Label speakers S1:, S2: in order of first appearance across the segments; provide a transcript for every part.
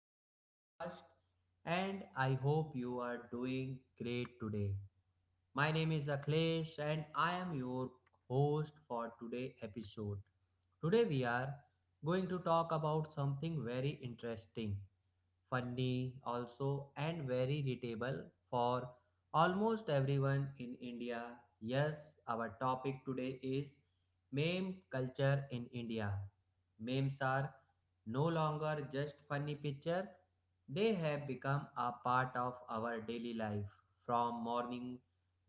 S1: our podcast, and I hope you are doing great today. My name is Akhilesh, and I am your host for today's episode. Today, we are going to talk about something very interesting funny also and very readable for almost everyone in India. Yes, our topic today is meme culture in India. Memes are no longer just funny picture, they have become a part of our daily life from morning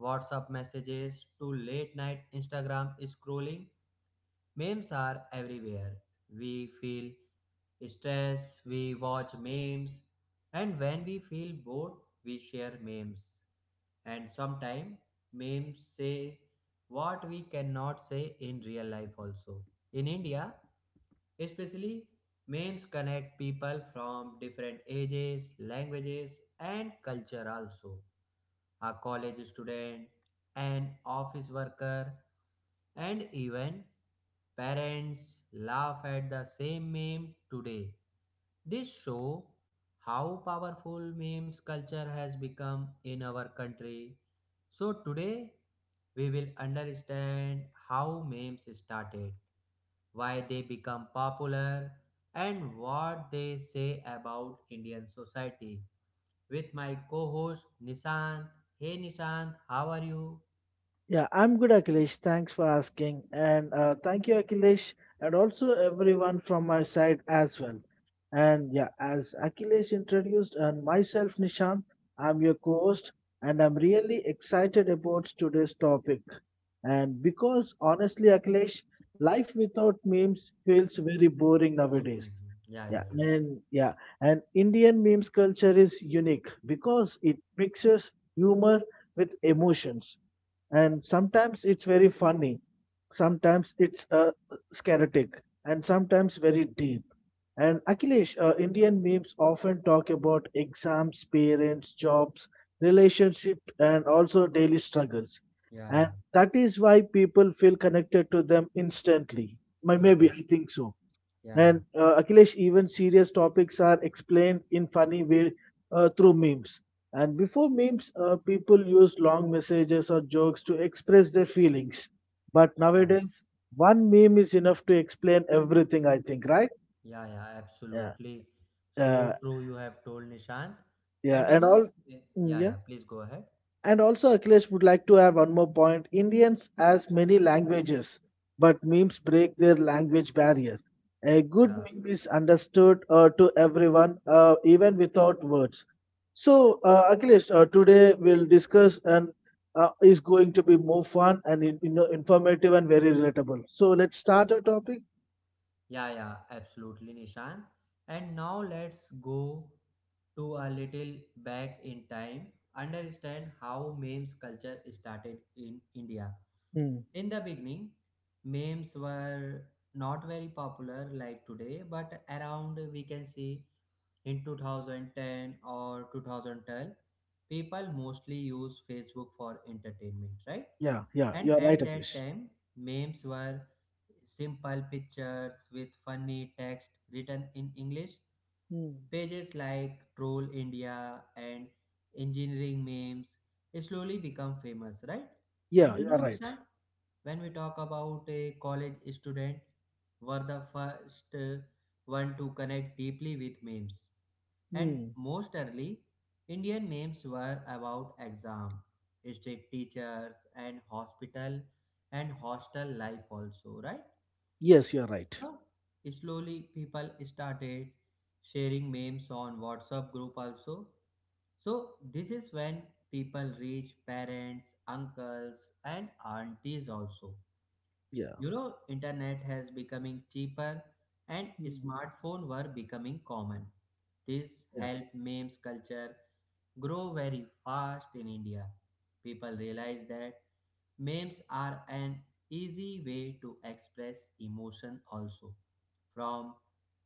S1: WhatsApp messages to late night Instagram scrolling. Memes are everywhere we feel stress, we watch memes, and when we feel bored, we share memes. And sometimes memes say what we cannot say in real life also. In India, especially, memes connect people from different ages, languages, and culture also. A college student, an office worker, and even parents laugh at the same meme today. This show how powerful memes culture has become in our country. So today we will understand how memes started, why they become popular, and what they say about Indian society. With my co-host Nishant. Hey Nishant, how are you?
S2: Yeah, I'm good, Akhilesh. Thanks for asking. And thank you, Akhilesh, and also everyone from my side as well. And yeah, as Akhilesh introduced, and myself, Nishant, I'm your co host, and I'm really excited about today's topic. And because honestly, Akhilesh, life without memes feels very boring
S1: Mm-hmm.
S2: nowadays.
S1: Yeah,
S2: Yeah,
S1: yeah,
S2: and yeah, and Indian memes culture is unique because it mixes humor with emotions, and sometimes it's very funny, sometimes it's scaratic, and sometimes very deep. And Akhilesh, Indian memes often talk about exams, parents, jobs, relationship, and also daily struggles.
S1: yeah, yeah,
S2: And
S1: yeah.
S2: that is why people feel connected to them instantly.
S1: Hmm,
S2: Maybe, I think so.
S1: yeah,
S2: And
S1: yeah.
S2: Akhilesh, even serious topics are explained in funny way through memes. And before memes, people used long messages or jokes to express their feelings. But
S1: Yeah,
S2: nowadays, one meme is enough to explain everything. I think, right?
S1: yeah, yeah,
S2: Yeah.
S1: absolutely.
S2: Uh,
S1: So true, you have told Nishant.
S2: yeah.
S1: And
S2: And all.
S1: yeah, yeah,
S2: Yeah.
S1: yeah, please go ahead.
S2: And also, Akhilesh, would like to add one more point. Indians has many languages, but memes break their language barrier. A good
S1: Yeah,
S2: meme is understood to everyone, even without words. So, Akhilesh, today we'll discuss, and is going to be more fun and in, informative and very relatable. So, let's start our topic.
S1: yeah, yeah, absolutely, Nishant. And now let's go to a little back in time, understand how memes culture started in India.
S2: Hmm.
S1: In the beginning, memes were not very popular like today, but around we can see in 2010 or 2012, people mostly use Facebook for entertainment, right?
S2: Yeah, yeah,
S1: And
S2: you're right,
S1: at that
S2: Akhilesh.
S1: time, memes were simple pictures with funny text written in English.
S2: Hmm.
S1: Pages like Troll India and Engineering Memes slowly become famous, right? And
S2: Yeah,
S1: you
S2: you're
S1: know,
S2: right.
S1: Nishant, when we talk about a college student, were the first one to connect deeply with memes, and
S2: Hmm.
S1: most early, Indian memes were about exam, strict teachers, and hospital and hostel life also, right?
S2: Yes, you're right.
S1: You know, slowly people started sharing memes on WhatsApp group also. So this is when people reach parents, uncles, and aunties also.
S2: Yeah.
S1: You know, internet has becoming cheaper and
S2: Hmm.
S1: smartphone were becoming common. This helped memes culture grow very fast in India. People realize that memes are an easy way to express emotion also, from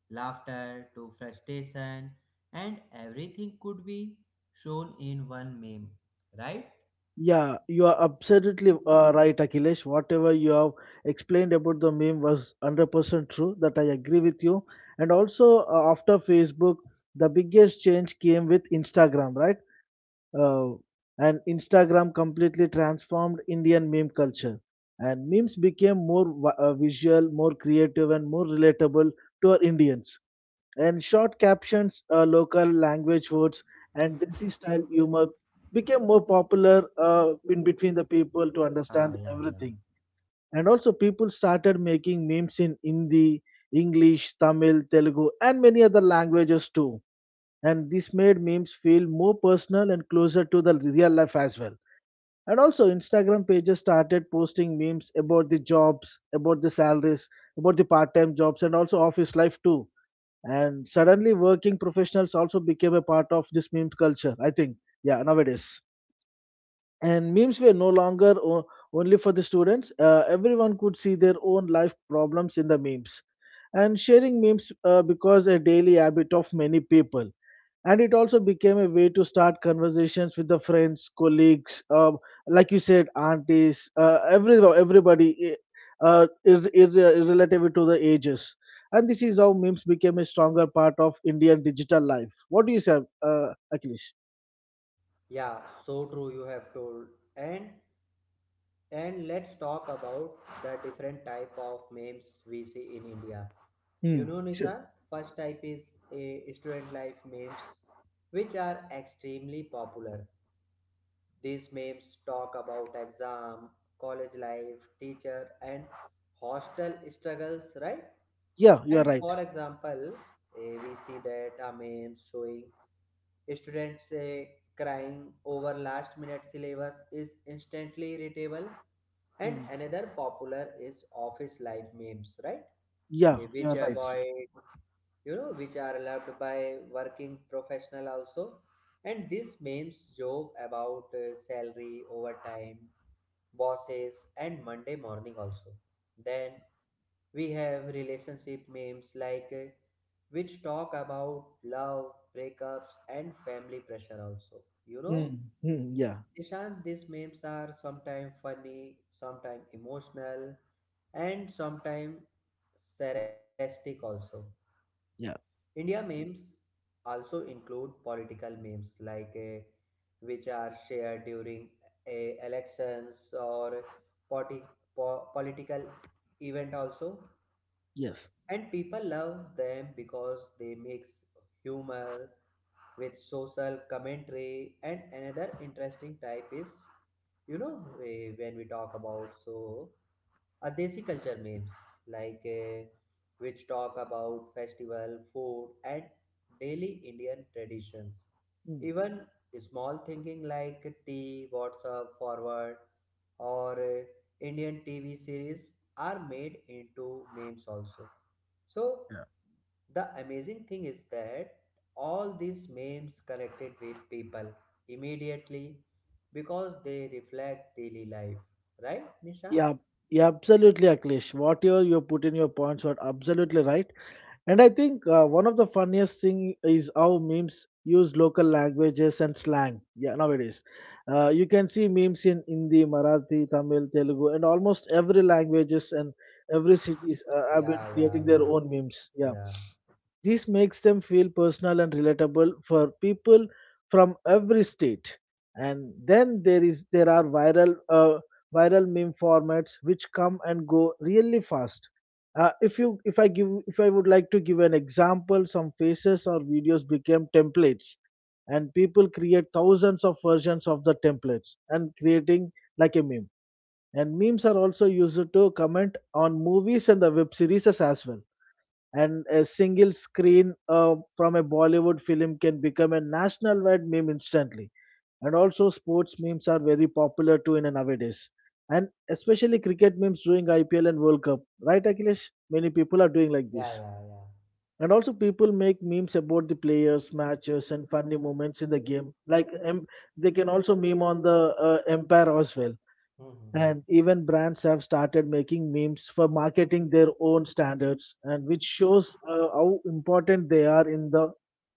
S1: laughter to frustration, and everything could be shown in one meme, right?
S2: Yeah, you are absolutely right, Akhilesh. Whatever you have explained about the meme was 100% true, that I agree with you. And also, after Facebook, the biggest change came with Instagram, right? Uh, and Instagram completely transformed Indian meme culture. And memes became more visual, more creative, and more relatable to our Indians, and short captions, local language words, and desi style humor became more popular in between the people to understand
S1: Ah, yeah, yeah.
S2: everything. And also, people started making memes in Hindi, English, Tamil, Telugu, and many other languages too. And this made memes feel more personal and closer to the real life as well. And also, Instagram pages started posting memes about the jobs, about the salaries, about the part time jobs, and also office life too, and suddenly, working professionals also became a part of this meme culture, I think. Yeah, nowadays. And memes were no longer only for the students, everyone could see their own life problems in the memes. And sharing memes because a daily habit of many people, and it also became a way to start conversations with the friends, colleagues, like you said, aunties, everybody, irrelative to the ages. And this is how memes became a stronger part of Indian digital life. What do you say, uh, Akhilesh?
S1: Yeah, so true you have told. And and let's talk about the different type of memes we see in India. You
S2: Hmm.
S1: know,
S2: Sure.
S1: Nisa, first type is a student life memes, which are extremely popular. These memes talk about exam, college life, teacher, and hostel struggles, right?
S2: Yeah, you are
S1: And for
S2: right.
S1: example, we see that a meme showing students crying over last minute syllabus is instantly irritable. And
S2: Hmm.
S1: another popular is office life memes, right?
S2: Yeah, you
S1: Which
S2: are right.
S1: avoid you know which are loved by working professional also, and this memes joke about salary overtime bosses and Monday morning also. Then we have relationship memes like which talk about love breakups and family pressure also,
S2: Hmm. Hmm, yeah.
S1: Nishant, these memes are sometimes funny, sometimes emotional, and sometimes sarcastic also.
S2: Yeah.
S1: India memes also include political memes like which are shared during elections or politi- political event also,
S2: Yes.
S1: and people love them because they mix humor with social commentary. And another interesting type is when we talk about so are desi culture memes like which talk about festival food and daily Indian traditions.
S2: Hmm.
S1: Even small thinking like tea WhatsApp forward or Indian TV series are made into memes also. So the amazing thing is that all these memes connected with people immediately because they reflect daily life, right, Nisha?
S2: Yeah, yeah, absolutely, Akhilesh, whatever you put in your points are absolutely right. And I think one of the funniest thing is how memes use local languages and slang. Yeah, nowadays, you can see memes in Hindi, Marathi, Tamil, Telugu, and almost every languages, and every cities have been
S1: Yeah, yeah,
S2: creating their
S1: yeah.
S2: own memes. Yeah,
S1: Yeah,
S2: this makes them feel personal and relatable for people from every state. And then there are viral meme formats which come and go really fast. If I would like to give an example, some faces or videos became templates, and people create thousands of versions of the templates and creating like a meme. And memes are also used to comment on movies and the web series as well, and a single screen from a Bollywood film can become a national wide meme instantly. And also, sports memes are very popular too in a nowadays, and especially cricket memes during IPL and World Cup, right, Akhilesh? Many people are doing like
S1: yeah,
S2: this.
S1: yeah, yeah.
S2: And also, people make memes about the players, matches, and funny moments in the game. Like, they can also meme on the empire as well.
S1: Mm-hmm.
S2: And even brands have started making memes for marketing their own standards, and which shows how important they are in the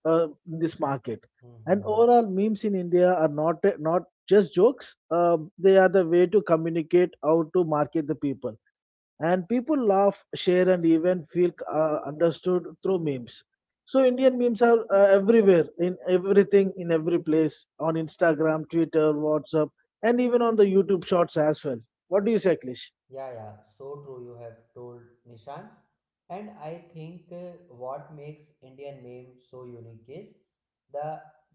S2: in this market.
S1: Mm-hmm. Mm-hmm.
S2: And overall, memes in India are not just jokes; they are the way to communicate how to market the people, and people laugh, share, and even feel understood through memes. So Indian memes are everywhere, in everything, in every place, on Instagram, Twitter, WhatsApp, and even on the YouTube Shorts as well. What do you say, Klish?
S1: Yeah, yeah. So true, you have told Nishan. And I think what makes Indian meme so unique is the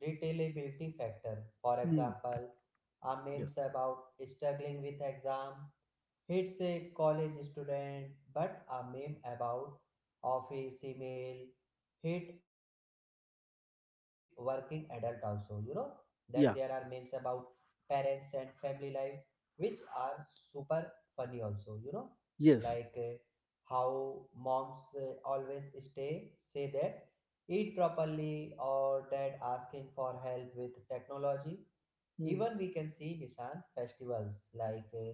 S1: retailability factor. For
S2: Hmm.
S1: example, our
S2: Yeah.
S1: memes about struggling with exam. It's a college student, but a meme about office email hit working adult also, you know. Then there are memes about
S2: Yeah.
S1: parents and family life, which are super funny also, you know. Like
S2: Yes.
S1: how moms always say that eat properly or dad asking for help with technology.
S2: Hmm.
S1: Even we can see Nishant festivals like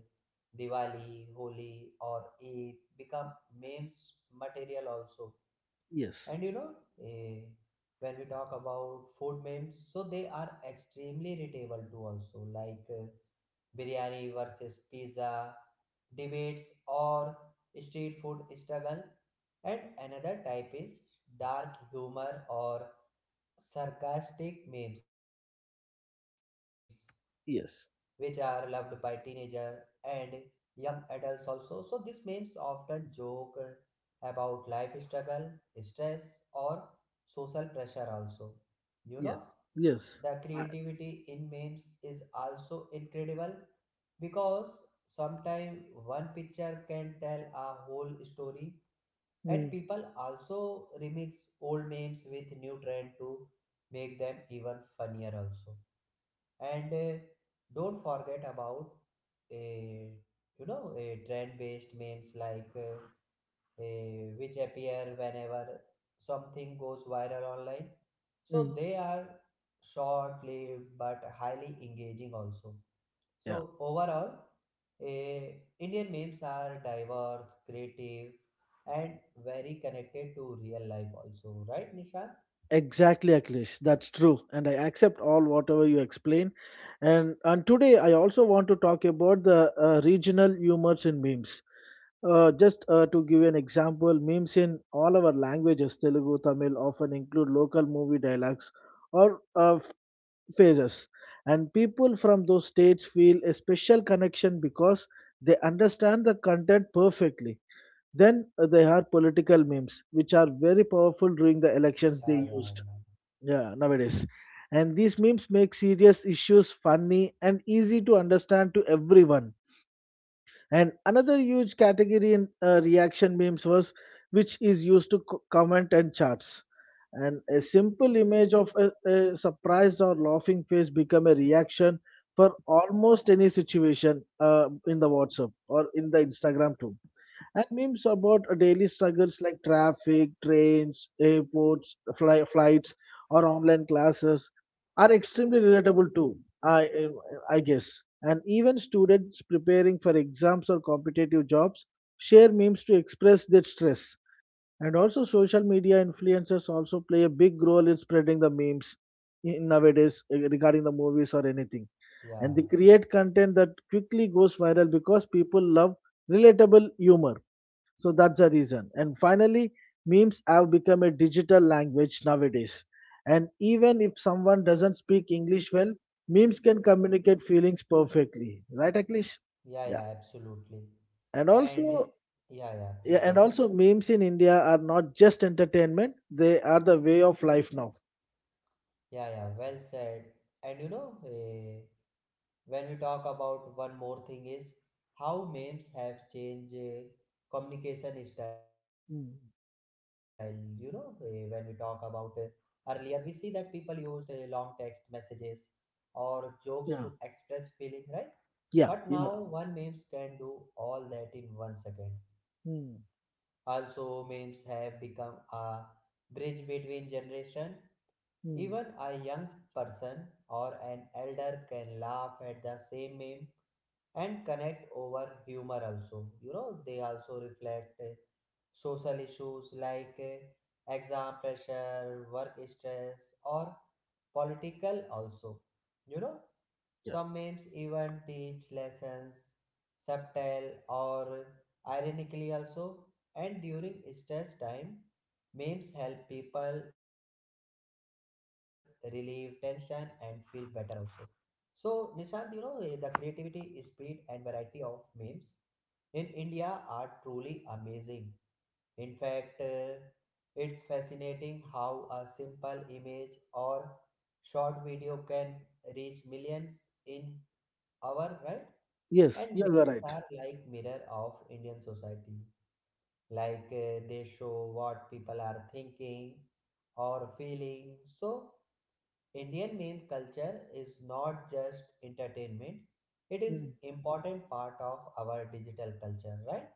S1: Diwali, Holi, or Eid become memes material also.
S2: Yes.
S1: And you know, eh, when we talk about food memes, so they are extremely relatable too. Also, like biryani versus pizza debates or street food struggle. And another type is dark humor or sarcastic memes which are loved by
S2: Yes.
S1: teenager and young adults also. So these memes often joke about life struggle, stress or social pressure also. You know,
S2: Yes. Yes.
S1: the
S2: I,
S1: creativity in memes is also incredible because sometimes one picture can tell a whole story,
S2: Hmm.
S1: and people also remix old memes with new trend to make them even funnier also. And don't forget about uh, trend based memes like which appear whenever something goes viral online,
S2: Hmm.
S1: so they are short lived but highly engaging also. So
S2: Yeah.
S1: overall, uh, Indian memes are diverse creative and very connected to real life also, right, Nisha?
S2: Exactly, Akhilesh. That's true. And I accept all whatever you explain. And today I also want to talk about the regional humors in memes. Just to give you an example, memes in all our languages, Telugu, Tamil, often include local movie dialogues or phrases. And people from those states feel a special connection because they understand the content perfectly. Then they are political memes, which are very powerful during the elections
S1: Yeah,
S2: they
S1: yeah,
S2: used.
S1: yeah,
S2: Yeah, nowadays. And these memes make serious issues funny and easy to understand to everyone. And another huge category in reaction memes was, which is used to comment and charts, and a simple image of a surprised or laughing face become a reaction for almost any situation in the WhatsApp or in the Instagram too. And memes about daily struggles like traffic, trains, airports, flights, or online classes are extremely relatable too. I, I guess. And even students preparing for exams or competitive jobs share memes to express their stress. And also, social media influencers also play a big role in spreading the memes in nowadays, eh, regarding the movies or anything. And
S1: yeah,
S2: they create content that quickly goes viral because people love relatable humor, so that's the reason. And finally, memes have become a digital language nowadays. And even if someone doesn't speak English well, memes can communicate feelings perfectly. Right, Aklish?
S1: yeah,
S2: Yeah.
S1: yeah, absolutely.
S2: And
S1: And
S2: also,
S1: yeah, yeah,
S2: yeah,
S1: please go
S2: and
S1: ahead.
S2: also memes in India are not just entertainment, they are the way of life now.
S1: Yeah, yeah, well said. And you know, when we talk about one more thing is how memes have changed communication style. You know,
S2: Mm.
S1: when we talk about earlier, we see that people used long text messages or jokes to
S2: Yeah.
S1: express feeling, right?
S2: Yeah.
S1: But
S2: Yeah.
S1: now one memes can do all that in 1 second.
S2: Mm.
S1: Also, memes have become a bridge between generation.
S2: Mm.
S1: Even a young person or an elder can laugh at the same meme and connect over humor also. You know, they also reflect social issues like exam pressure, work stress, or political also. You know,
S2: Yeah.
S1: some memes even teach lessons, subtle or ironically also. And during stress time, memes help people relieve tension and feel better also. So, Nishant, you know, the creativity, speed, and variety of memes in India are truly amazing. In fact, it's fascinating how a simple image or short video can reach millions in our right.
S2: Yes,
S1: And
S2: you are
S1: movies
S2: right.
S1: are like mirror of Indian society, like they show what people are thinking or feeling. So Indian meme culture is not just entertainment, it is
S2: Hmm.
S1: important part of our digital culture, right?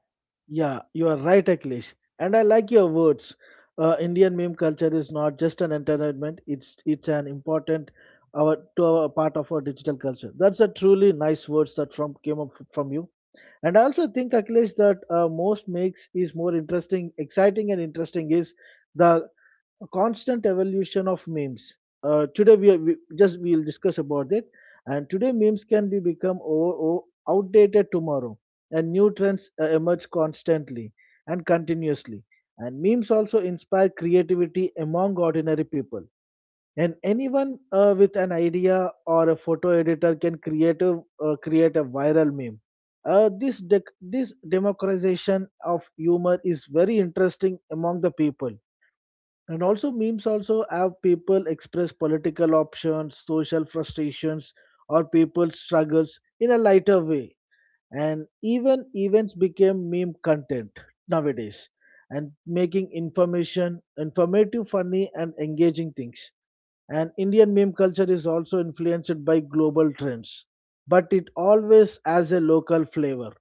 S2: Yeah, you are right, Akhilesh. And I like your words. Indian meme culture is not just an entertainment; it's an important our part of our digital culture. That's a truly nice words that from came up from you. And I also think, Akhilesh, that most makes is more interesting, exciting, and interesting is the a constant evolution of memes. Today we, are, we just we'll discuss about it, and today memes can be become outdated tomorrow, and new trends emerge constantly and continuously. And memes also inspire creativity among ordinary people. And anyone with an idea or a photo editor can create a viral meme. This democratization of humor is very interesting among the people. And also memes also have people express political options, social frustrations, or people's struggles in a lighter way. And even events became meme content nowadays, and making information informative, funny and engaging things. And Indian meme culture is also influenced by global trends, but it always has a local flavor.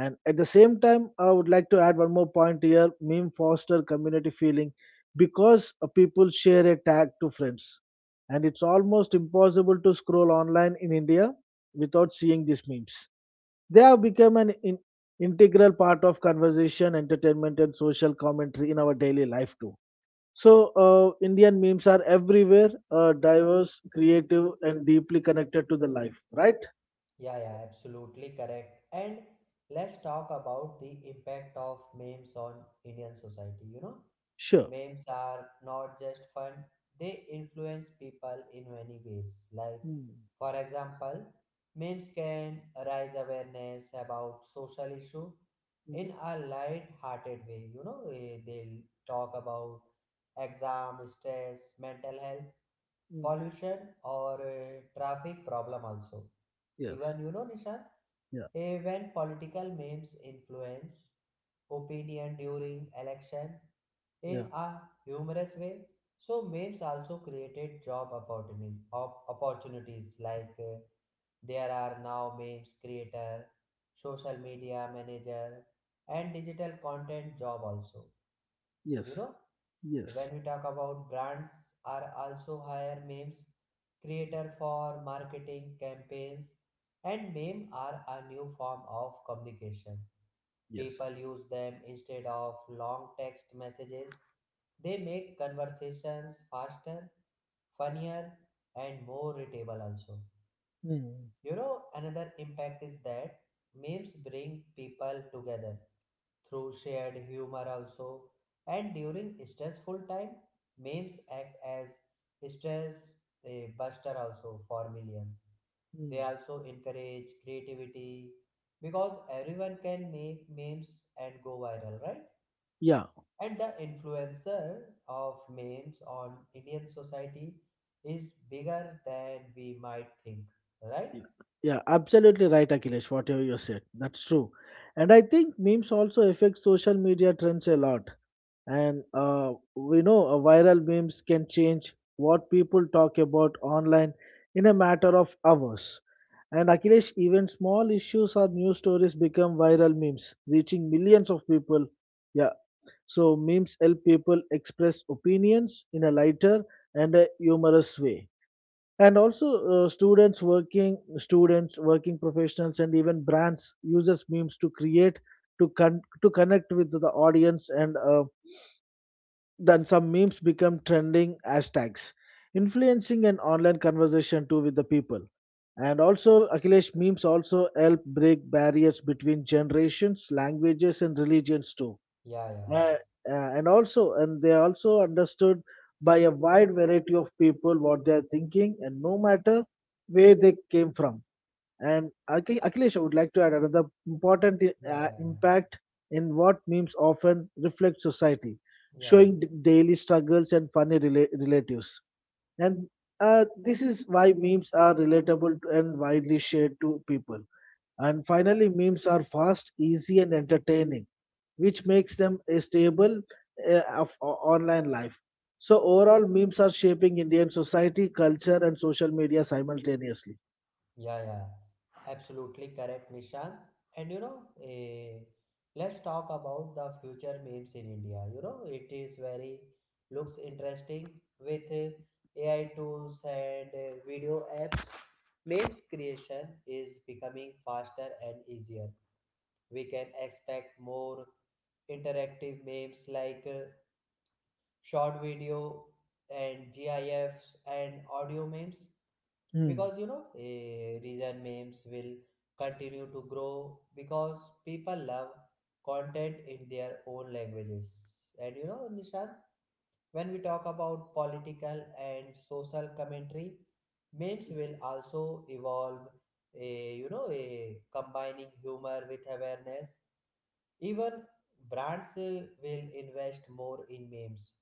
S2: And at the same time, I would like to add one more point here: meme foster community feeling because people share a tag to friends. And it's almost impossible to scroll online in India without seeing these memes. They have become an integral part of conversation, entertainment, and social commentary in our daily life too. So, Indian memes are everywhere, diverse, creative, and deeply connected to the life, right?
S1: Yeah, yeah, absolutely correct. And let's talk about the impact of memes on Indian society, you know.
S2: Sure.
S1: Memes are not just fun, they influence people in many ways. Like,
S2: Mm,
S1: for example, memes can raise awareness about social issue
S2: mm,
S1: in a light-hearted way. You know, they'll talk about exam, stress, mental health,
S2: mm.
S1: pollution, or traffic problem also.
S2: Yes.
S1: Even Nishant,
S2: Yeah.
S1: when political memes influence opinion during election, in
S2: Yeah.
S1: a humorous way. So memes also created job opportunities like there are now memes creator, social media manager and digital content job also. You
S2: Yes.
S1: know,
S2: Yes.
S1: when we talk about brands are also hire memes creator for marketing campaigns, and meme are a new form of communication.
S2: Yes.
S1: People use them instead of long text messages. They make conversations faster, funnier, and more readable also.
S2: Mm,
S1: You know, another impact is that memes bring people together through shared humor also. And during stressful time, memes act as stress buster also for millions. They
S2: mm.
S1: also encourage creativity because everyone can make memes and go viral, right?
S2: Yeah.
S1: And the influencer of memes on Indian society is bigger than we might think, right?
S2: Yeah. Yeah. Absolutely right, Akhilesh, whatever you said. That's true. And I think memes also affect social media trends a lot. And we know viral memes can change what people talk about online in a matter of hours. And Akhilesh, even small issues or news stories become viral memes, reaching millions of people. Yeah, so memes help people express opinions in a lighter and a humorous way. And also, students working professionals, and even brands uses memes to create to connect with the audience. And then some memes become trending hashtags, influencing an online conversation too with the people. And also, Akhilesh, memes also help break barriers between generations, languages, and religions too.
S1: Yeah, yeah,
S2: Uh, and also, and they are also understood by a wide variety of people what they are thinking, and no matter where they came from. And Akhilesh, I would like to add another important
S1: yeah, yeah,
S2: impact in what memes often reflect society,
S1: yeah,
S2: showing daily struggles and funny relatives. And This is why memes are relatable to- and widely shared to people. And finally, memes are fast, easy, and entertaining, which makes them a stable of online life. So, overall, memes are shaping Indian society, culture, and social media simultaneously.
S1: yeah, yeah. Absolutely correct, Nishant. And you know, let's talk about the future memes in India. You know, it is very looks interesting with AI tools and video apps. Memes creation is becoming faster and easier. We can expect more interactive memes like short video and gifs and audio memes,
S2: Mm,
S1: because you know reason memes will continue to grow because people love content in their own languages. And you know Nishant, when we talk about political and social commentary memes will also evolve a you know a combining humor with awareness. Even brands will invest more in memes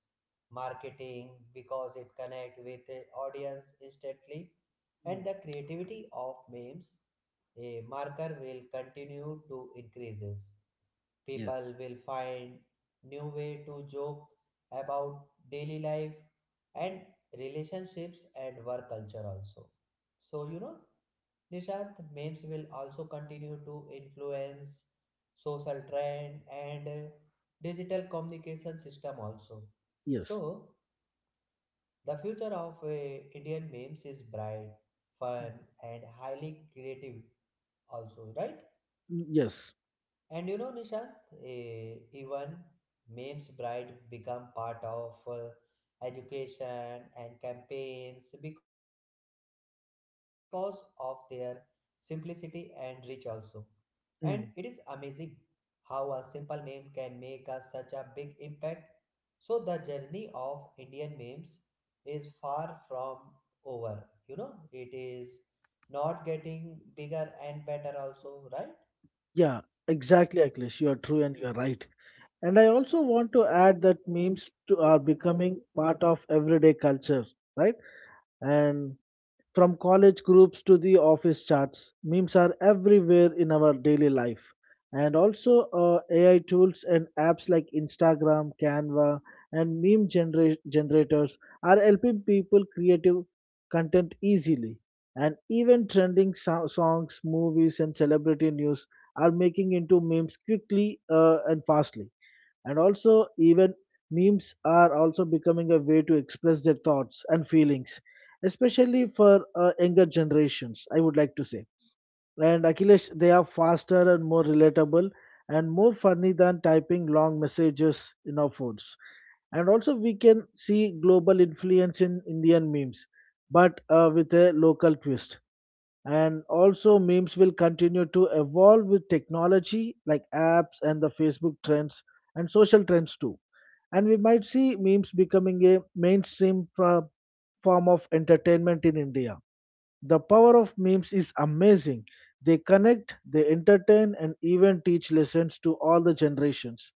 S1: marketing because it connect with the audience instantly.
S2: mm,
S1: And the creativity of memes a marker will continue to increases,
S2: yes.
S1: people will find new way to joke about daily life and relationships and work culture also. So you know Nishant, memes will also continue to influence social trend and digital communication system also.
S2: Yes,
S1: So, the future of Indian memes is bright,
S2: mm,
S1: fun, and highly creative also, right?
S2: yes,
S1: And you know, Nishant, even memes bright become part of education and campaigns because of their simplicity and reach also. And it is
S2: mm,
S1: amazing how a simple meme can make such a big impact. So the journey of Indian memes is far from over. You know, it is not getting bigger and better also, right?
S2: yeah, exactly, Akhilesh. You are true and you are right. And I also want to add that are becoming part of everyday culture, right? And from college groups to the office chats, memes are everywhere in our daily life. And also, AI tools and apps like Instagram, Canva, and generators are helping people creative content easily. And even trending songs, movies, and celebrity news are making into memes quickly and fastly, and also, even memes are also becoming a way to express their thoughts and feelings, especially for younger generations, I would like to say. And Achilles, they are faster and more relatable and more funny than typing long messages in our phones. And also, we can see global influence in Indian memes, but with a local twist. And also, memes will continue to evolve with technology like apps and the Facebook trends and social trends too, and we might see memes becoming a mainstream form of entertainment in India. The power of memes is amazing. They connect, they entertain, and even teach lessons to all the generations.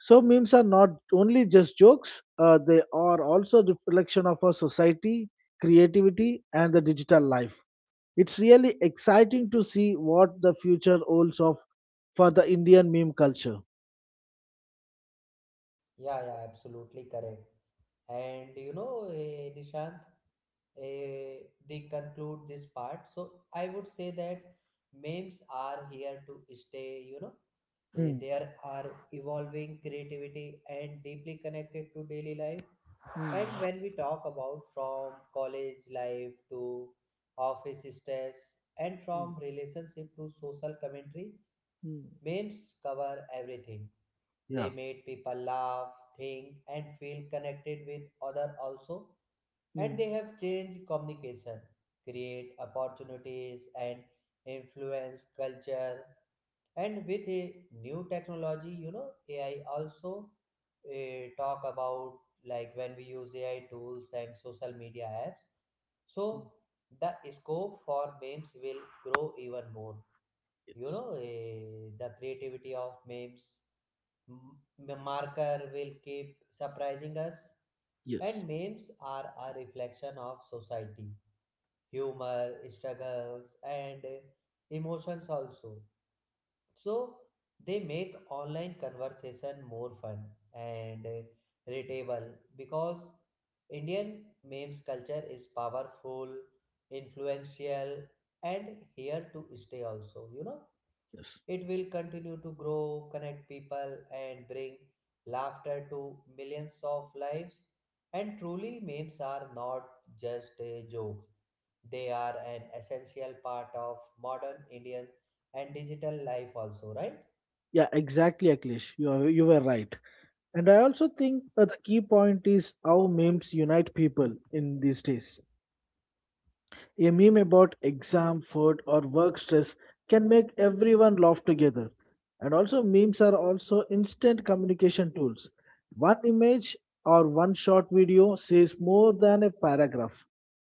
S2: So, memes are not only just jokes, they are also reflection of our society, creativity, and the digital life. It's really exciting to see what the future holds of for the Indian meme culture.
S1: Yeah, yeah, absolutely correct. And you know, Nishant, they conclude this part. So I would say that memes are here to stay, you know. They,
S2: Mm,
S1: they are, are evolving creativity and deeply connected to daily life. And
S2: mm,
S1: when we talk about from college life to office stress and
S2: mm,
S1: from relationship to social commentary,
S2: mm.
S1: memes cover everything. They
S2: Yeah.
S1: made people laugh, think, and feel connected with other also. And
S2: Mm.
S1: they have changed communication, create opportunities, and influence culture and with a new technology, you know, AI also, talk about, like when we use AI tools and social media apps, so the scope for memes will grow even more. You
S2: Yes.
S1: know, the creativity of memes marker will keep surprising us.
S2: Yes.
S1: And memes are a reflection of society, humor, struggles, and emotions also. So they make online conversation more fun and readable, because Indian memes culture is powerful, influential, and here to stay also, you know.
S2: Yes.
S1: It will continue to grow, connect people, and bring laughter to millions of lives. And truly, memes are not just jokes, they are an essential part of modern Indian and digital life, also, right?
S2: Yeah, exactly, Akhilesh. You were right. And I also think the key point is how memes unite people in these days. A meme about exam, food, or work stress can make everyone laugh together. And also, memes are also instant communication tools. One image or one short video says more than a paragraph.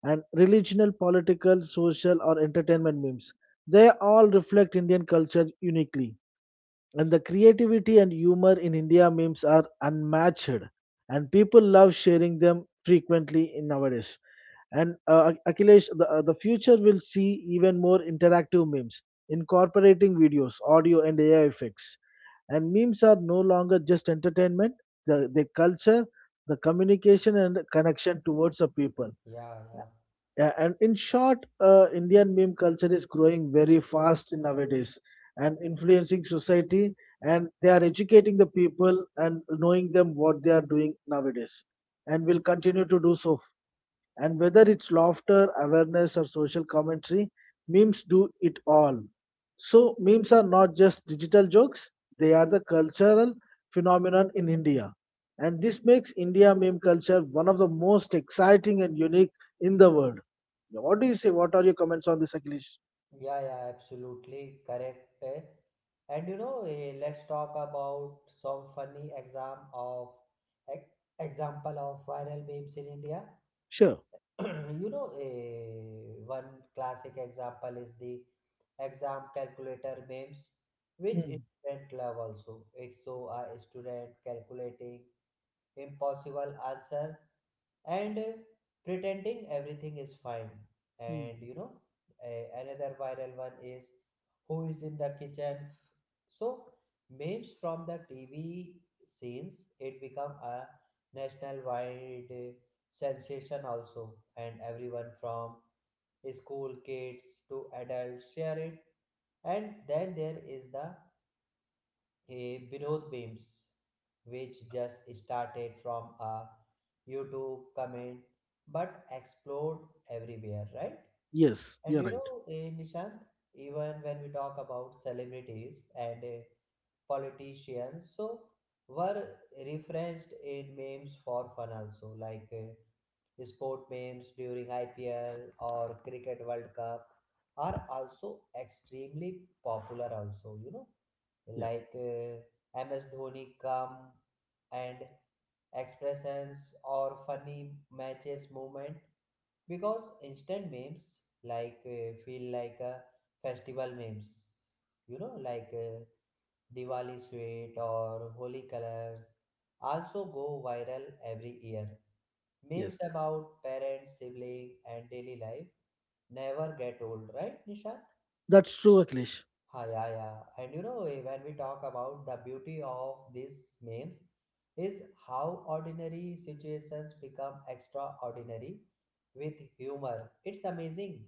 S2: And religional, political, social, or entertainment memes, they all reflect Indian culture uniquely. And the creativity and humor in India memes are unmatched, and people love sharing them frequently in nowadays. And Akhilesh, the future will see even more interactive memes, incorporating videos, audio, and AI effects. And memes are no longer just entertainment; they culture, the communication, and connection towards the people.
S1: Yeah,
S2: Yeah, and in short, Indian meme culture is growing very fast nowadays and influencing society, and they are educating the people and knowing them what they are doing nowadays, and will continue to do so, and whether it's laughter, awareness, or social commentary, memes do it all. So, memes are not just digital jokes, they are the cultural phenomenon in India. And this makes India meme culture one of the most exciting and unique in the world. What do you say? What are your comments on this, Akhilesh?
S1: yeah, yeah, yeah, absolutely correct. Eh. And you know, let's talk about some funny exam of ex- example of viral memes in India.
S2: Sure.
S1: You know, one classic example is the exam calculator memes, which
S2: Hmm.
S1: student love also. It's so a student calculating impossible answer and pretending everything is fine.
S2: Hmm.
S1: And you know, another viral one is who is in the kitchen, so memes from the TV scenes, it become a national wide sensation also, and everyone from school kids to adults share it. And then there is the a Binod Beams, which just started from a YouTube comment but explored everywhere, right?
S2: Yes,
S1: And
S2: you're
S1: you
S2: right.
S1: know, Nishant, even when we talk about celebrities and politicians, so were referenced in memes for fun also, like sport memes during IPL or Cricket World Cup are also extremely popular also, you know,
S2: Yes,
S1: like MS Dhoni calm and expressions or funny matches movement, because instant memes like feel like a festival memes, you know, like Diwali sweet or holy colors also go viral every year. Memes
S2: yes.
S1: about parents sibling and daily life never get old, right, nisha?
S2: That's true, Akhilesh.
S1: Ha, yeah, yeah. And you know, when we talk about the beauty of these memes, is how ordinary situations become extraordinary with humor. It's amazing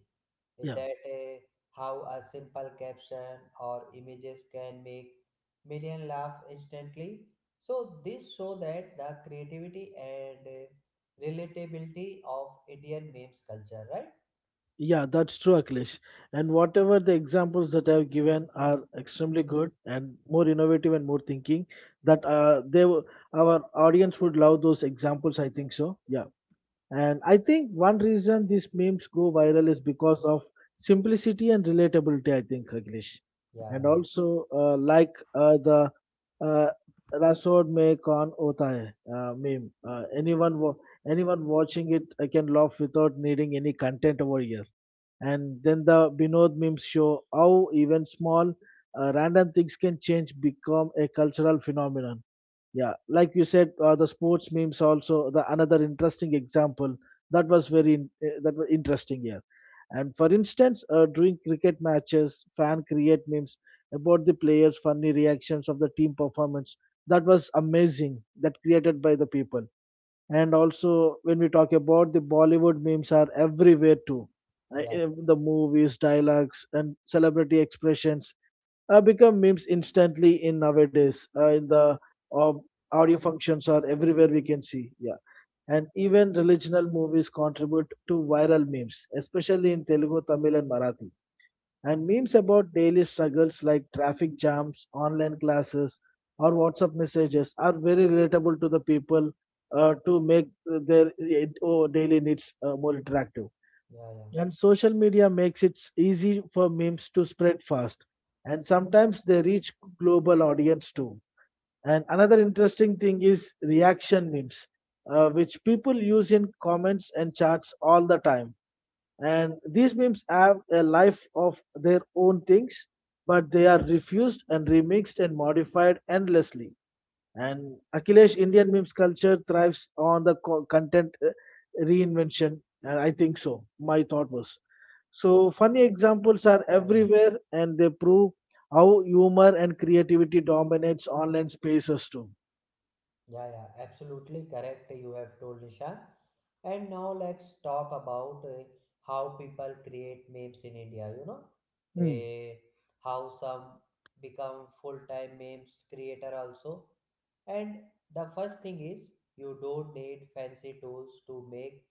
S1: eh,
S2: Yeah.
S1: that eh, how a simple caption or images can make million laugh instantly. So this show that the creativity and relatability of Indian memes culture, right?
S2: Yeah, that's true, Akhilesh. And whatever the examples that I've given are extremely good and more innovative and more thinking. That our audience would love those examples. I think so. Yeah, and I think one reason these memes go viral is because of simplicity and relatability. I think, Akhilesh,
S1: Yeah,
S2: and
S1: yeah,
S2: also like the uh, Rasod mein kaun hota hai meme. Uh, anyone watching it, I can laugh without needing any content over here. And then the Binod memes show how even small random things can change, become a cultural phenomenon. Yeah, like you said, the sports memes also the another interesting example that was interesting here. And for instance, during cricket matches, fan create memes about the players' funny reactions of the team performance. That was amazing. That created by the people. And also when we talk about the bollywood memes are everywhere too.
S1: yeah,
S2: The movies dialogues and celebrity expressions become memes instantly in nowadays in the uh, audio functions are everywhere we can see, yeah. And even religional movies contribute to viral memes, especially in telugu, tamil, and marathi. And memes about daily struggles like traffic jams, online classes, or WhatsApp messages are very relatable to the people, to make their daily needs more interactive.
S1: yeah, yeah,
S2: And social media makes it easy for memes to spread fast. And sometimes they reach global audience too. And another interesting thing is reaction memes, which people use in comments and chats all the time. And these memes have a life of their own things, but they are refused and remixed and modified endlessly. And Akhilesh, Indian memes culture thrives on the content reinvention. And I think so my thought was, so funny examples are
S1: yeah, yeah.
S2: everywhere, and they prove how humor and creativity dominates online spaces too.
S1: Yeah, yeah, absolutely correct. You have told Nisha. And now let's talk about how people create memes in India. You know,
S2: Hmm.
S1: Eh, how some become full-time memes creator also. And the first thing is you don't need fancy tools to make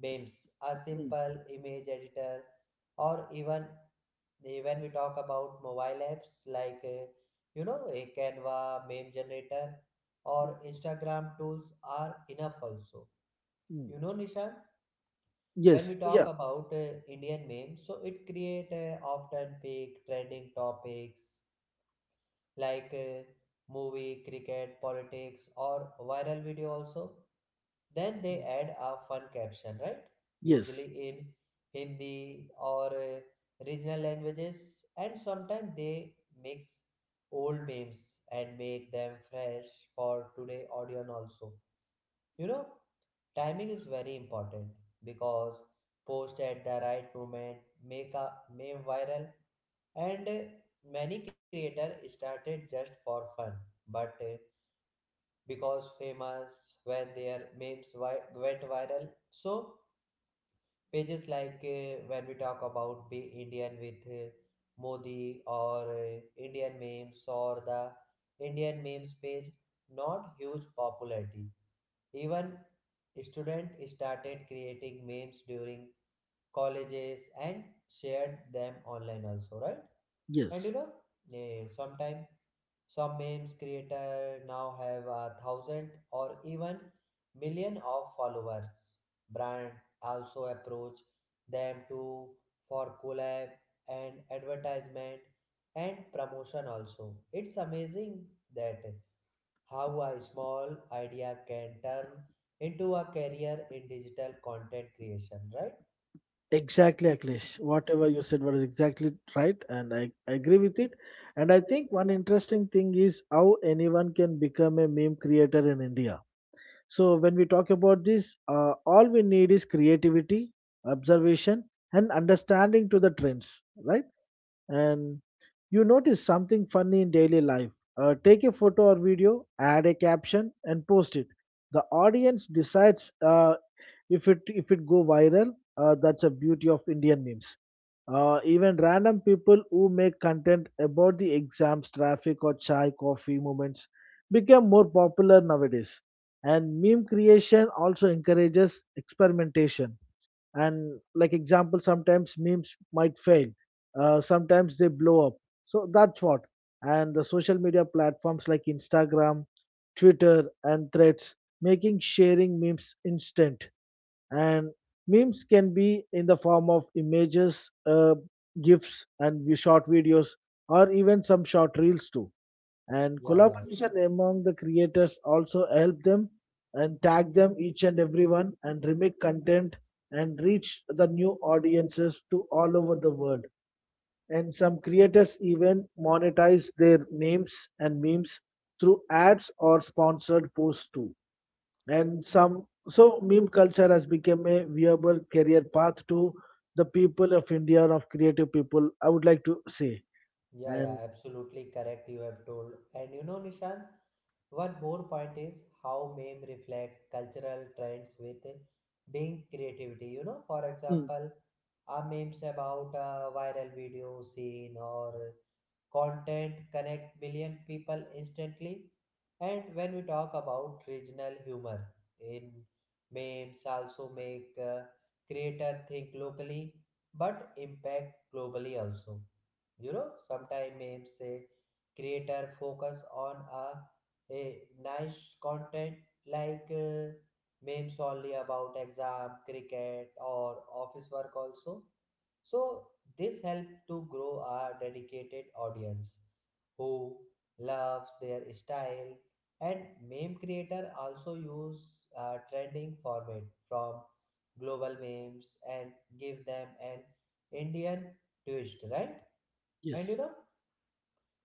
S1: memes. A
S2: Hmm.
S1: simple image editor, or even they, when we talk about mobile apps like you know, a canva meme generator
S2: Hmm.
S1: or Instagram tools are enough also,
S2: Mm.
S1: you know, nishan. When we
S2: Yes,
S1: talk
S2: yeah,
S1: about Indian memes, so it create often pick trending topics like movie, cricket, politics, or viral video also. Then they add a fun caption, right?
S2: yes,
S1: Usually in Hindi or regional languages, and sometimes they mix old memes and make them fresh for today audience also. You know, timing is very important, because post at the right moment make a meme viral. And many creators started just for fun, but because famous when their memes went viral. So pages like when we talk about Be Indian with Modi or Indian memes or the Indian memes page, not huge popularity. Even student started creating memes during colleges and shared them online also, right? And you
S2: yes,
S1: know, sometime some memes creator now have a thousand or even million of followers. Brand also approach them to for collab and advertisement and promotion also. It's amazing that how a small idea can turn into a career in digital content creation, right?
S2: exactly, Akhilesh. Whatever you said was exactly right, and I agree with it. And I think one interesting thing is how anyone can become a meme creator in India. So, when we talk about this, all we need is creativity, observation, and understanding to the trends, right? And you notice something funny in daily life. Take a photo or video, add a caption, and post it. The audience decides if it go viral. That's a beauty of Indian memes. Even random people who make content about the exams, traffic, or chai coffee moments become more popular nowadays. And meme creation also encourages experimentation, and like example, sometimes memes might fail, sometimes they blow up, so that's what. And the social media platforms like instagram, twitter, and threads making sharing memes instant. And memes can be in the form of images, uh, gifs and short videos, or even some short reels too. And
S1: Yeah, yeah.
S2: collaboration among the creators also help them and tag them each and everyone and remake content and reach the new audiences to all over the world. And some creators even monetize their names and memes through ads or sponsored posts too. And some, so meme culture has become a viable career path to the people of india, of creative people, I would like to say.
S1: Yeah, yeah,
S2: And
S1: absolutely correct. You have told. And you know, Nishan, one more point is how meme reflect cultural trends with being creativity. You know, for
S2: mm,
S1: example, our memes about a viral video scene or content connect million people instantly. And when we talk about regional humor in memes, also make creator think locally but impact globally also. You know, sometimes memes say creator focus on a, a nice content like memes only about exam cricket or office work also. So this helped to grow our dedicated audience who loves their style, and meme creator also use trending format from global memes and give them an Indian twist, right? And you
S2: yes,
S1: know,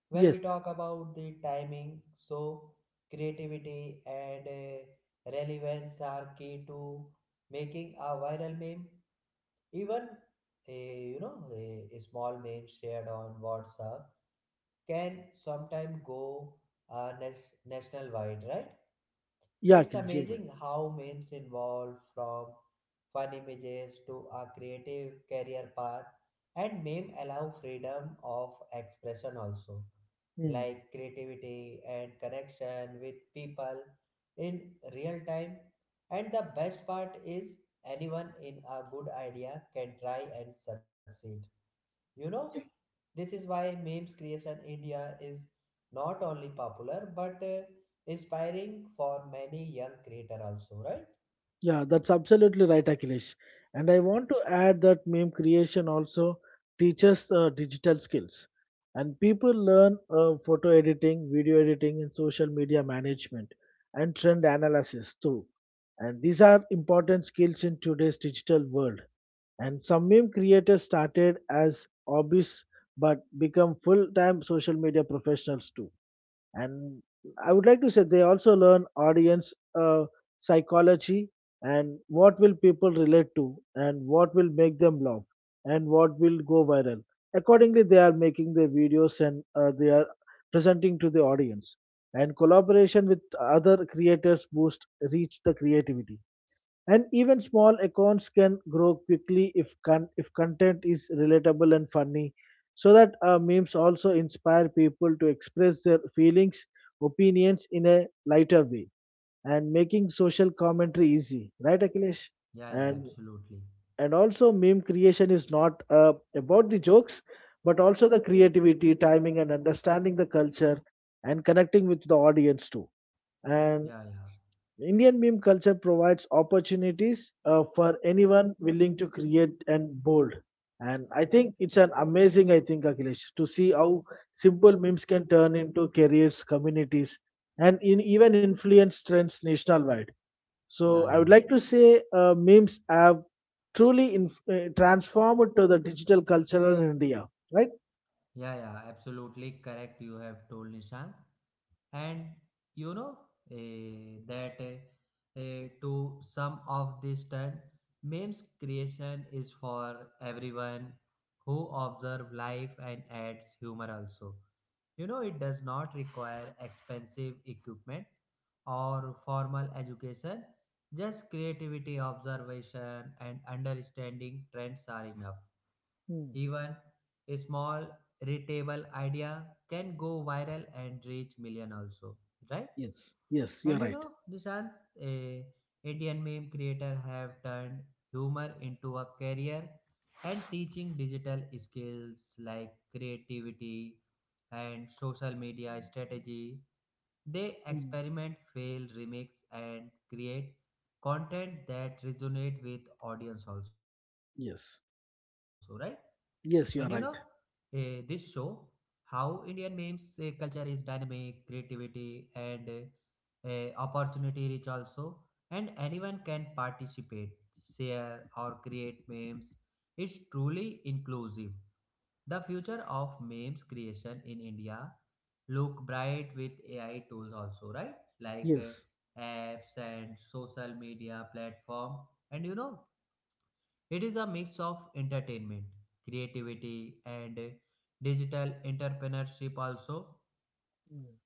S1: when we
S2: yes,
S1: talk about the timing, so creativity and relevance are key to making a viral meme. Even a you know, a small meme shared on WhatsApp can sometimes go national wide, right?
S2: yeah,
S1: It's
S2: Kiran, sure.
S1: amazing how memes evolve from fun images to a creative career path, and meme allow freedom of expression also,
S2: Hmm.
S1: like creativity and connection with people in real time. And the best part is anyone in a good idea can try and succeed. You know, this is why memes creation India is not only popular but inspiring for many young creator also, right?
S2: Yeah, that's absolutely right, Akhilesh. And I want to add that meme creation also teaches digital skills. And people learn photo editing, video editing, and social media management and trend analysis too. And these are important skills in today's digital world. And some meme creators started as hobbies but become full time social media professionals too. And I would like to say they also learn audience uh, psychology, and what will people relate to, and what will make them laugh, and what will go viral. Accordingly they are making their videos and they are presenting to the audience. And collaboration with other creators boost reach the creativity, and even small accounts can grow quickly if if content is relatable and funny. So that memes also inspire people to express their feelings, opinions in a lighter way, and making social commentary easy, right, Akhilesh?
S1: Yeah, yeah,
S2: And
S1: absolutely.
S2: and also meme creation is not about the jokes, but also the creativity, timing, and understanding the culture, and connecting with the audience too. And
S1: Yeah, yeah,
S2: Indian meme culture provides opportunities for anyone willing to create and bold. And I think it's an amazing, I think, Akhilesh, to see how simple memes can turn into careers, communities, and in even influence trends nationwide.
S1: yeah,
S2: So I
S1: yeah,
S2: would like to say uh, memes have transformed to the digital culture in India, right?
S1: yeah, yeah, absolutely correct. You have told Nishant. And you know, eh, that eh, to some of this turn, memes creation is for everyone who observe life and adds humor also. You know, it does not require expensive equipment or formal education. Just creativity, observation, and understanding trends are enough.
S2: Hmm.
S1: Even a small readable idea can go viral and reach million also, right?
S2: Yes, yes, you're
S1: And you
S2: right.
S1: know, Nishant, a Indian meme creator have turned humor into a career and teaching digital skills like creativity and social media strategy. They
S2: Hmm.
S1: experiment, fail, remix, and create content that resonate with audience also, right?
S2: Yes,
S1: And you know,
S2: yes, you're
S1: this
S2: right.
S1: show how Indian memes culture is dynamic, creativity, and opportunity reach also, and anyone can participate, share or create memes. It's truly inclusive. The future of memes creation in India look bright with AI tools also, right? Like
S2: Yes.
S1: apps and social media platform. And you know, it is a mix of entertainment, creativity, and digital entrepreneurship also.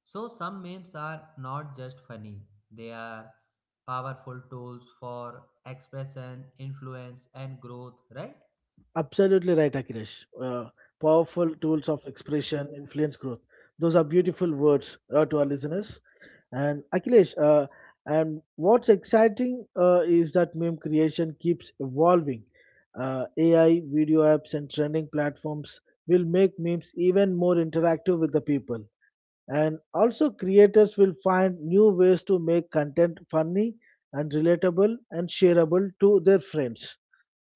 S1: So, some memes are not just funny, they are powerful tools for expression, influence, and growth, right?
S2: Absolutely right, Akhilesh. Powerful tools of expression, influence, growth. Those are beautiful words to our listeners. And Akhilesh, and what's exciting is that meme creation keeps evolving. AI, video apps, and trending platforms will make memes even more interactive with the people. And also, creators will find new ways to make content funny and relatable and shareable to their friends.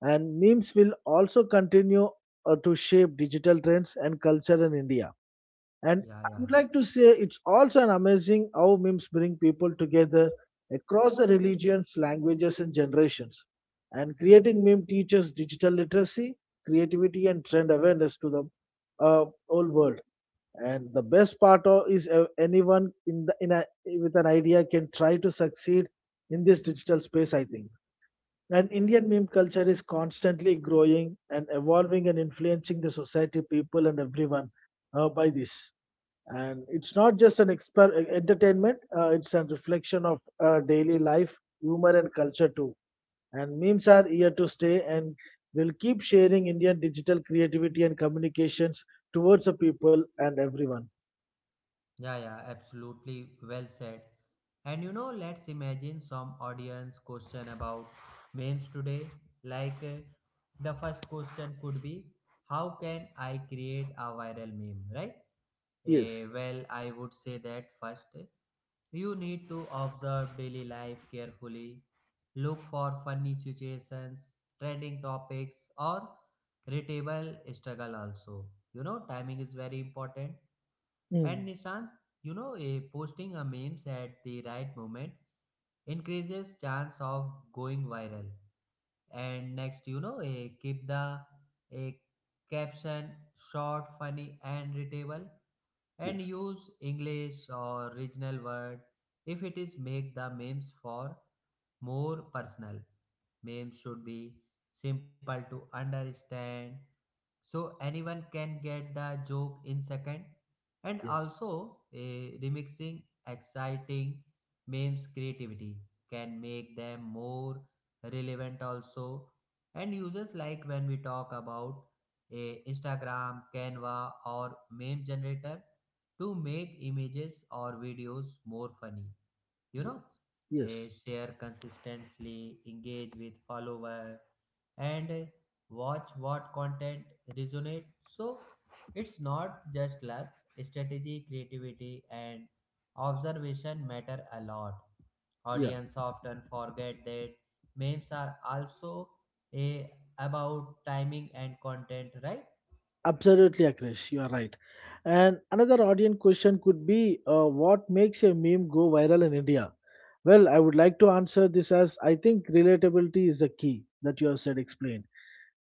S2: And memes will also continue to shape digital trends and culture in India. And
S1: Yeah,
S2: I
S1: yeah,
S2: would like to say it's also an amazing how memes bring people together across the religions, languages, and generations. And creating meme teaches digital literacy, creativity, and trend awareness to the whole world. And the best part is anyone in the, in a, with an idea can try to succeed in this digital space. I think. And Indian meme culture is constantly growing and evolving and influencing the society, people, and everyone by this. And it's not just an entertainment, it's a reflection of daily life, humor, and culture too. And memes are here to stay and will keep sharing Indian digital creativity and communications towards the people and everyone.
S1: yeah, yeah, absolutely well said. And you know, let's imagine some audience question about memes today. Like, the first question could be, how can I create a viral meme, right?
S2: Yes.
S1: Well, I would say that first, you need to observe daily life carefully, look for funny situations, trending topics, or relatable struggle also. You know, timing is very important.
S2: Hmm.
S1: And Nishant, you know, a posting a memes at the right moment increases chance of going viral. And next, you know, a keep the a caption short, funny, and relatable, and
S2: Yes,
S1: use English or regional word if it is make the memes for more personal. Memes should be simple to understand so anyone can get the joke in second. And
S2: yes,
S1: also a remixing exciting memes creativity can make them more relevant also. And users like when we talk about a Instagram canva or meme generator to make images or videos more funny, you know.
S2: yes, yes,
S1: Share consistently, engage with follower, and watch what content resonate, so it's not just luck, strategy, creativity, and observation matter a lot.
S2: yeah.
S1: Audience often forget that memes are also a about timing and content, right?
S2: Absolutely, Akrish, you are right. And another audience question could be, what makes a meme go viral in India? Well, I would like to answer this as I think relatability is the key that you have said explained.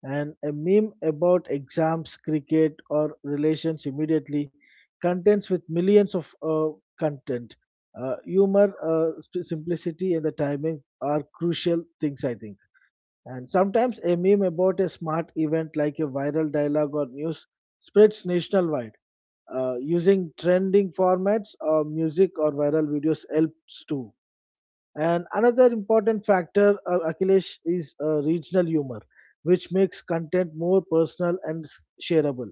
S2: And a meme about exams, cricket, or relations immediately contents with millions of content. Humor, simplicity, and the timing are crucial things, I think, and sometimes a meme about a smart event like a viral dialogue or news spreads nationwide. Using trending formats or music or viral videos helps too. And another important factor, Akhilesh, is regional humor, which makes content more personal and shareable.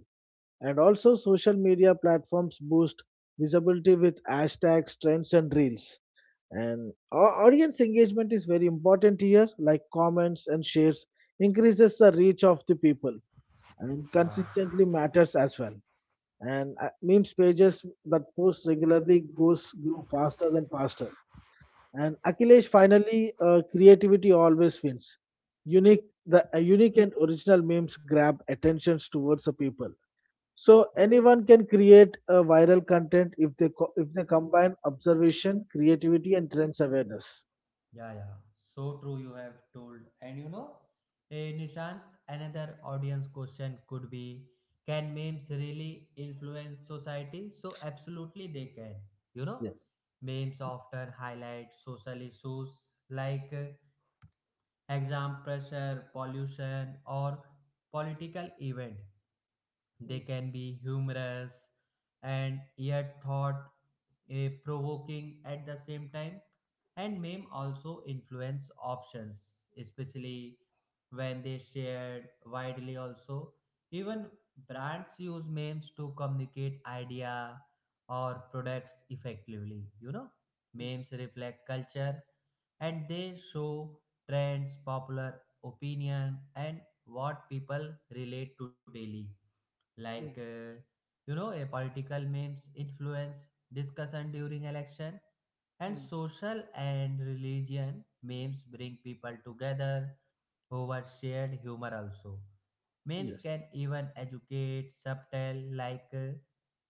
S2: And also, social media platforms boost visibility with hashtags, trends, and reels, and audience engagement is very important here, like comments and shares increases the reach of the people, and
S1: Yeah.
S2: consistently matters as well, and memes pages that post regularly goes grow faster than faster. And Akhilesh, finally, creativity always wins. Unique and original memes grab attentions towards the people, so anyone can create a viral content if if they combine observation, creativity, and trends awareness.
S1: Yeah, yeah. So true, you have told. And you know, Nishant, another audience question could be, can memes really influence society? So, absolutely, they can. You know,
S2: Yes.
S1: memes often highlight social issues like exam pressure, pollution, or political event. They
S2: Mm,
S1: can be humorous and yet thought provoking at the same time. And meme also influence options, especially when they shared widely also. Even brands use memes to communicate idea or products effectively, you know.
S2: mm,
S1: Memes reflect culture, and they show trends, popular opinion, and what people relate to daily. Like,
S2: mm,
S1: you know, a political memes influence discussion during election, and
S2: mm.
S1: social and religion memes bring people together over shared humor also. Memes
S2: Yes.
S1: can even educate, subtle, like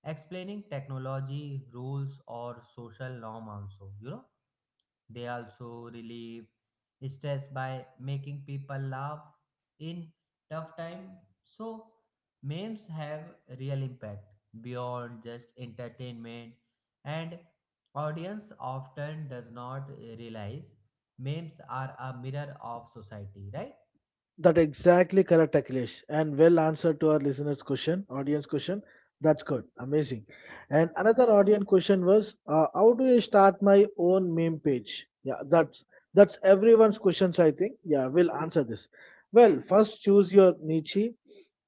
S1: explaining technology, rules, or social norm also, you know. They also relieve stress by making people laugh in tough time. So memes have real impact beyond just entertainment, and audience often does not realize memes are a mirror of society, right?
S2: That exactly correct, Akhilesh. And well answered to our listeners' question, audience question. That's good. Amazing. And another audience question was, how do I start my own meme page? Yeah, that's everyone's questions, I think. Yeah, we'll answer this. Well, first choose your niche,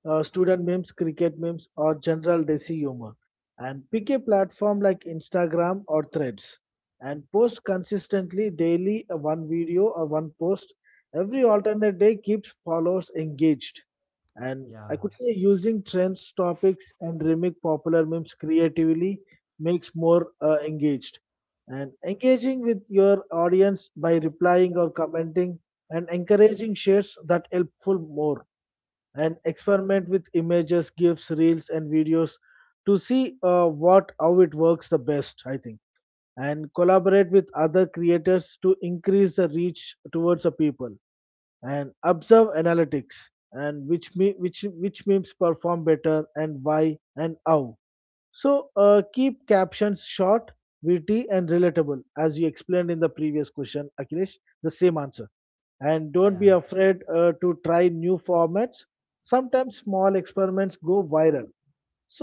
S2: student memes, cricket memes, or general desi humor. And pick a platform like Instagram or Threads. And post consistently daily, one video or one post every alternate day keeps followers engaged. And
S1: Yeah,
S2: I could say using trends, topics, and remake popular memes creatively makes more engaged. And engaging with your audience by replying or commenting and encouraging shares, that helpful more. And experiment with images, GIFs, reels, and videos to see what how it works the best, I think, and collaborate with other creators to increase the reach towards the people, and observe analytics and which me which memes perform better and why and how. So keep captions short, witty, and relatable as you explained in the previous question, Akhilesh, the same answer. And
S1: yeah,
S2: don't be
S1: yeah,
S2: afraid to try new formats. Sometimes small experiments go viral,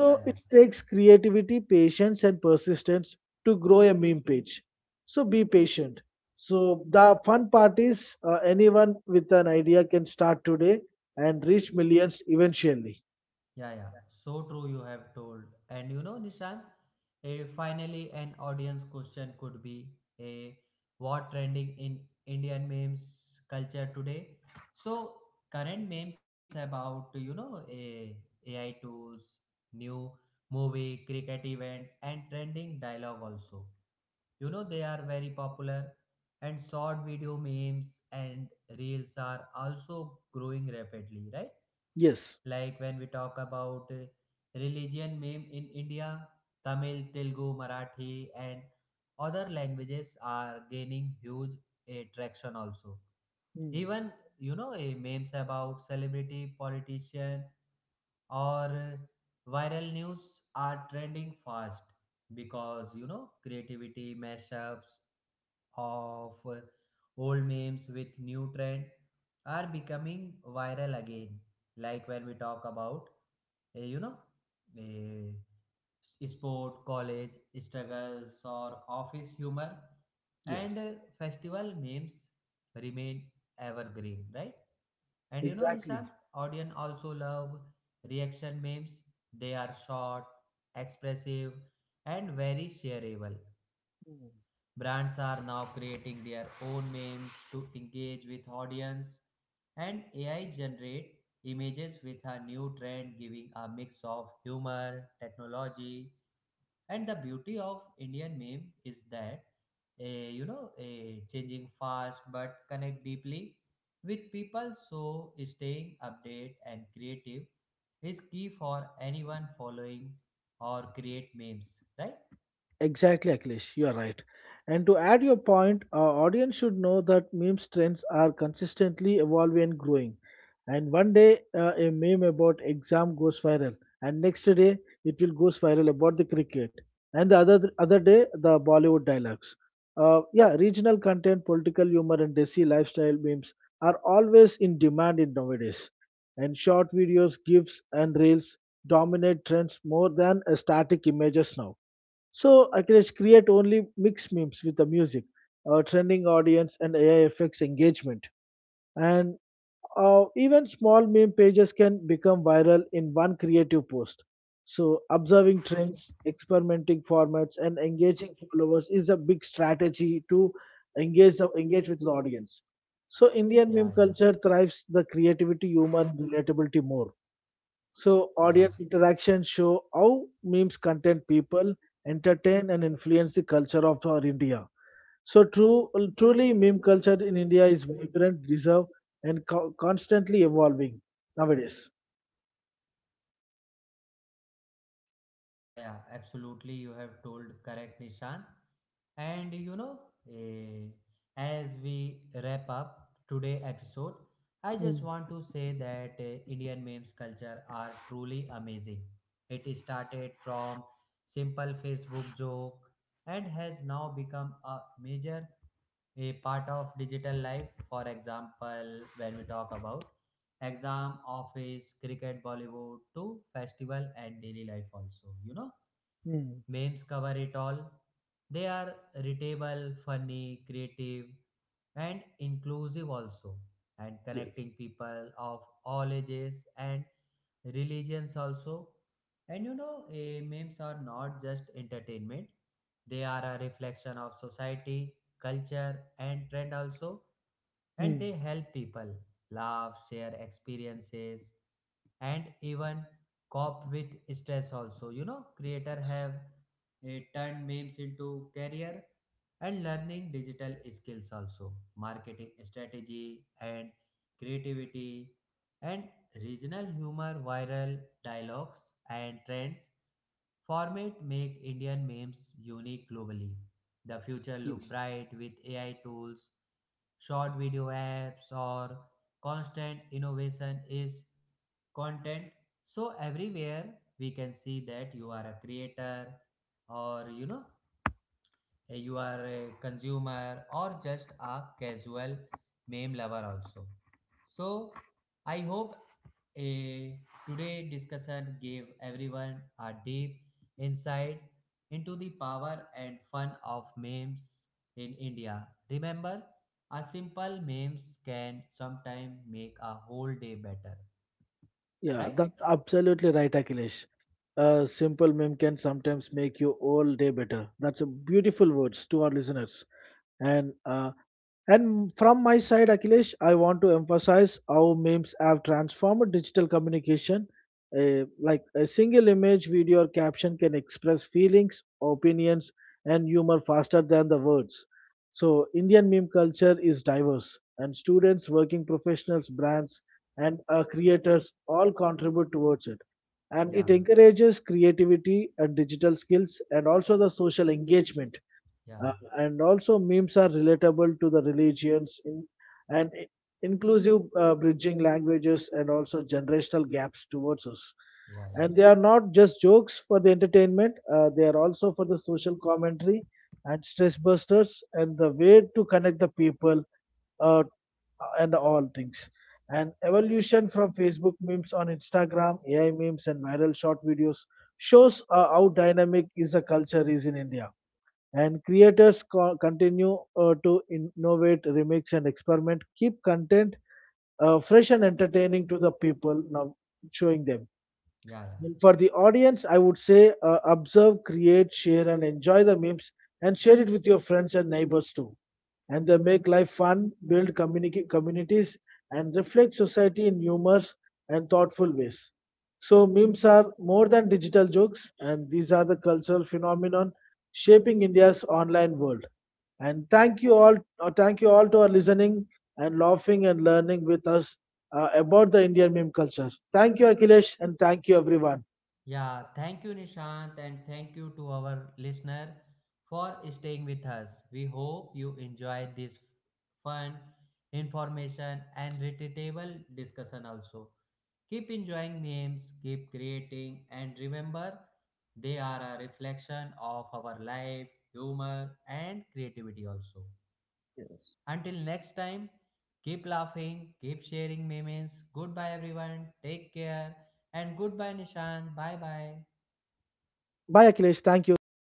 S1: yeah, yeah.
S2: it takes creativity, patience, and persistence to grow a meme page. So be patient. So the fun part is, anyone with an idea can start today and reach millions eventually.
S1: Yeah, yeah. So true, you have told. And you know, Nishan, a finally an audience question could be, a what trending in Indian memes culture today. So current memes about, you know, a AI tools, new movie, cricket event, and trending dialogue also. You know, they are very popular, and short video memes and reels are also growing rapidly, right?
S2: Yes.
S1: Like when we talk about religion meme in India, tamil telugu marathi and other languages are gaining huge traction also.
S2: Hmm.
S1: Even you know, memes about celebrity politician or viral news are trending fast, because, you know, creativity mashups of old memes with new trend are becoming viral again. Like when we talk about, uh, you know, uh, sport, college struggles, or office humor, and
S2: Yes.
S1: festival memes remain evergreen, right? And you know, Nishant,
S2: Exactly.
S1: audience also love reaction memes. They are short, expressive, and very shareable.
S2: Hmm.
S1: Brands are now creating their own memes to engage with audience, and AI generate images with a new trend giving a mix of humor, technology. And the beauty of Indian meme is that changing fast but connect deeply with people, so staying updated and creative is key for anyone following or create memes, right?
S2: Exactly, Akhilesh, you are right. And to add your point, our audience should know that memes trends are consistently evolving and growing. And one day, a meme about exam goes viral, and next day it will goes viral about the cricket, and the other day the Bollywood dialogues. Yeah, regional content, political humor, and desi lifestyle memes are always in demand in nowadays. And short videos, gifs, and reels dominate trends more than static images now. So Akhilesh, create only mix memes with the music, trending audience, and AI effects engagement. And even small meme pages can become viral in one creative post. So observing trends, experimenting formats, and engaging followers is a big strategy to engage with the audience. So Indian meme
S1: yeah yeah
S2: culture thrives the creativity, humor, and relatability more. So audience
S1: yeah
S2: interaction show how memes content people, entertain and influence the culture of our India. So true, truly meme culture in India is vibrant, reserved, and constantly evolving nowadays.
S1: Yeah, yeah, absolutely. You have told correct, Nishan. And you know, eh, as we wrap up today episode, I just
S2: Mm.
S1: want to say that Indian memes culture are truly amazing. It started from simple Facebook joke and has now become a major a part of digital life. For example, when we talk about exam, office, cricket, Bollywood, to festival and daily life also, you know,
S2: Mm.
S1: memes cover it all. They are readable, funny, creative, and inclusive also, and
S2: Yes.
S1: connecting people of all ages and religions also. And you know, memes are not just entertainment, they are a reflection of society, culture, and trend also, and
S2: Mm.
S1: they help people laugh, share experiences, and even cope with stress also. You know, creator have turned memes into career, and learning digital skills also, marketing strategy and creativity and regional humor, viral dialogues, and trends format make Indian memes unique globally. The future
S2: Yes.
S1: look bright with AI tools, short video apps, or constant innovation is content. So everywhere we can see that you are a creator, or you know, you are a consumer or just a casual meme lover also. So I hope a today discussion gave everyone a deep insight into the power and fun of memes in India. Remember, a simple memes can sometimes make a whole day better,
S2: Yeah,
S1: right?
S2: that's absolutely right, Akhilesh. A simple meme can sometimes make you all day better. That's a beautiful words to our listeners. And uh, And from my side, Akhilesh, I want to emphasize how memes have transformed digital communication. Like a single image, video, or caption can express feelings, opinions, and humor faster than the words. So, Indian meme culture is diverse, and students, working professionals, brands, and creators all contribute towards it. And it
S1: yeah
S2: encourages creativity and digital skills and also the social engagement,
S1: Yeah,
S2: and also memes are relatable to the religions in, and inclusive, bridging languages and also generational gaps towards us.
S1: yeah, yeah,
S2: And they are not just jokes for the entertainment, they are also for the social commentary and stress busters and the way to connect the people, uh, and all things and evolution from Facebook memes on Instagram, AI memes, and viral short videos shows how dynamic is a culture is in India. And creators continue to innovate, remix, and experiment. Keep content fresh and entertaining to the people now, showing them.
S1: yeah, yeah.
S2: And for the audience, I would say, observe, create, share, and enjoy the memes and share it with your friends and neighbors too. And they make life fun, build communities, and reflect society in humorous and thoughtful ways. So, memes are more than digital jokes, and these are the cultural phenomenon shaping India's online world. And thank you all to our listening and laughing and learning with us about the Indian meme culture. Thank you, Akhilesh, and thank you, everyone.
S1: Yeah, thank you, Nishant, and thank you to our listener for staying with us. We hope you enjoyed this fun, information, and relatable discussion also. Keep enjoying memes, keep creating, and remember, they are a reflection of our life, humor, and creativity also.
S2: Yes.
S1: Until next time, keep laughing, keep sharing memes. Goodbye, everyone. Take care. And goodbye, Nishan. Bye bye.
S2: Bye, Akhilesh. Thank you. Thank you for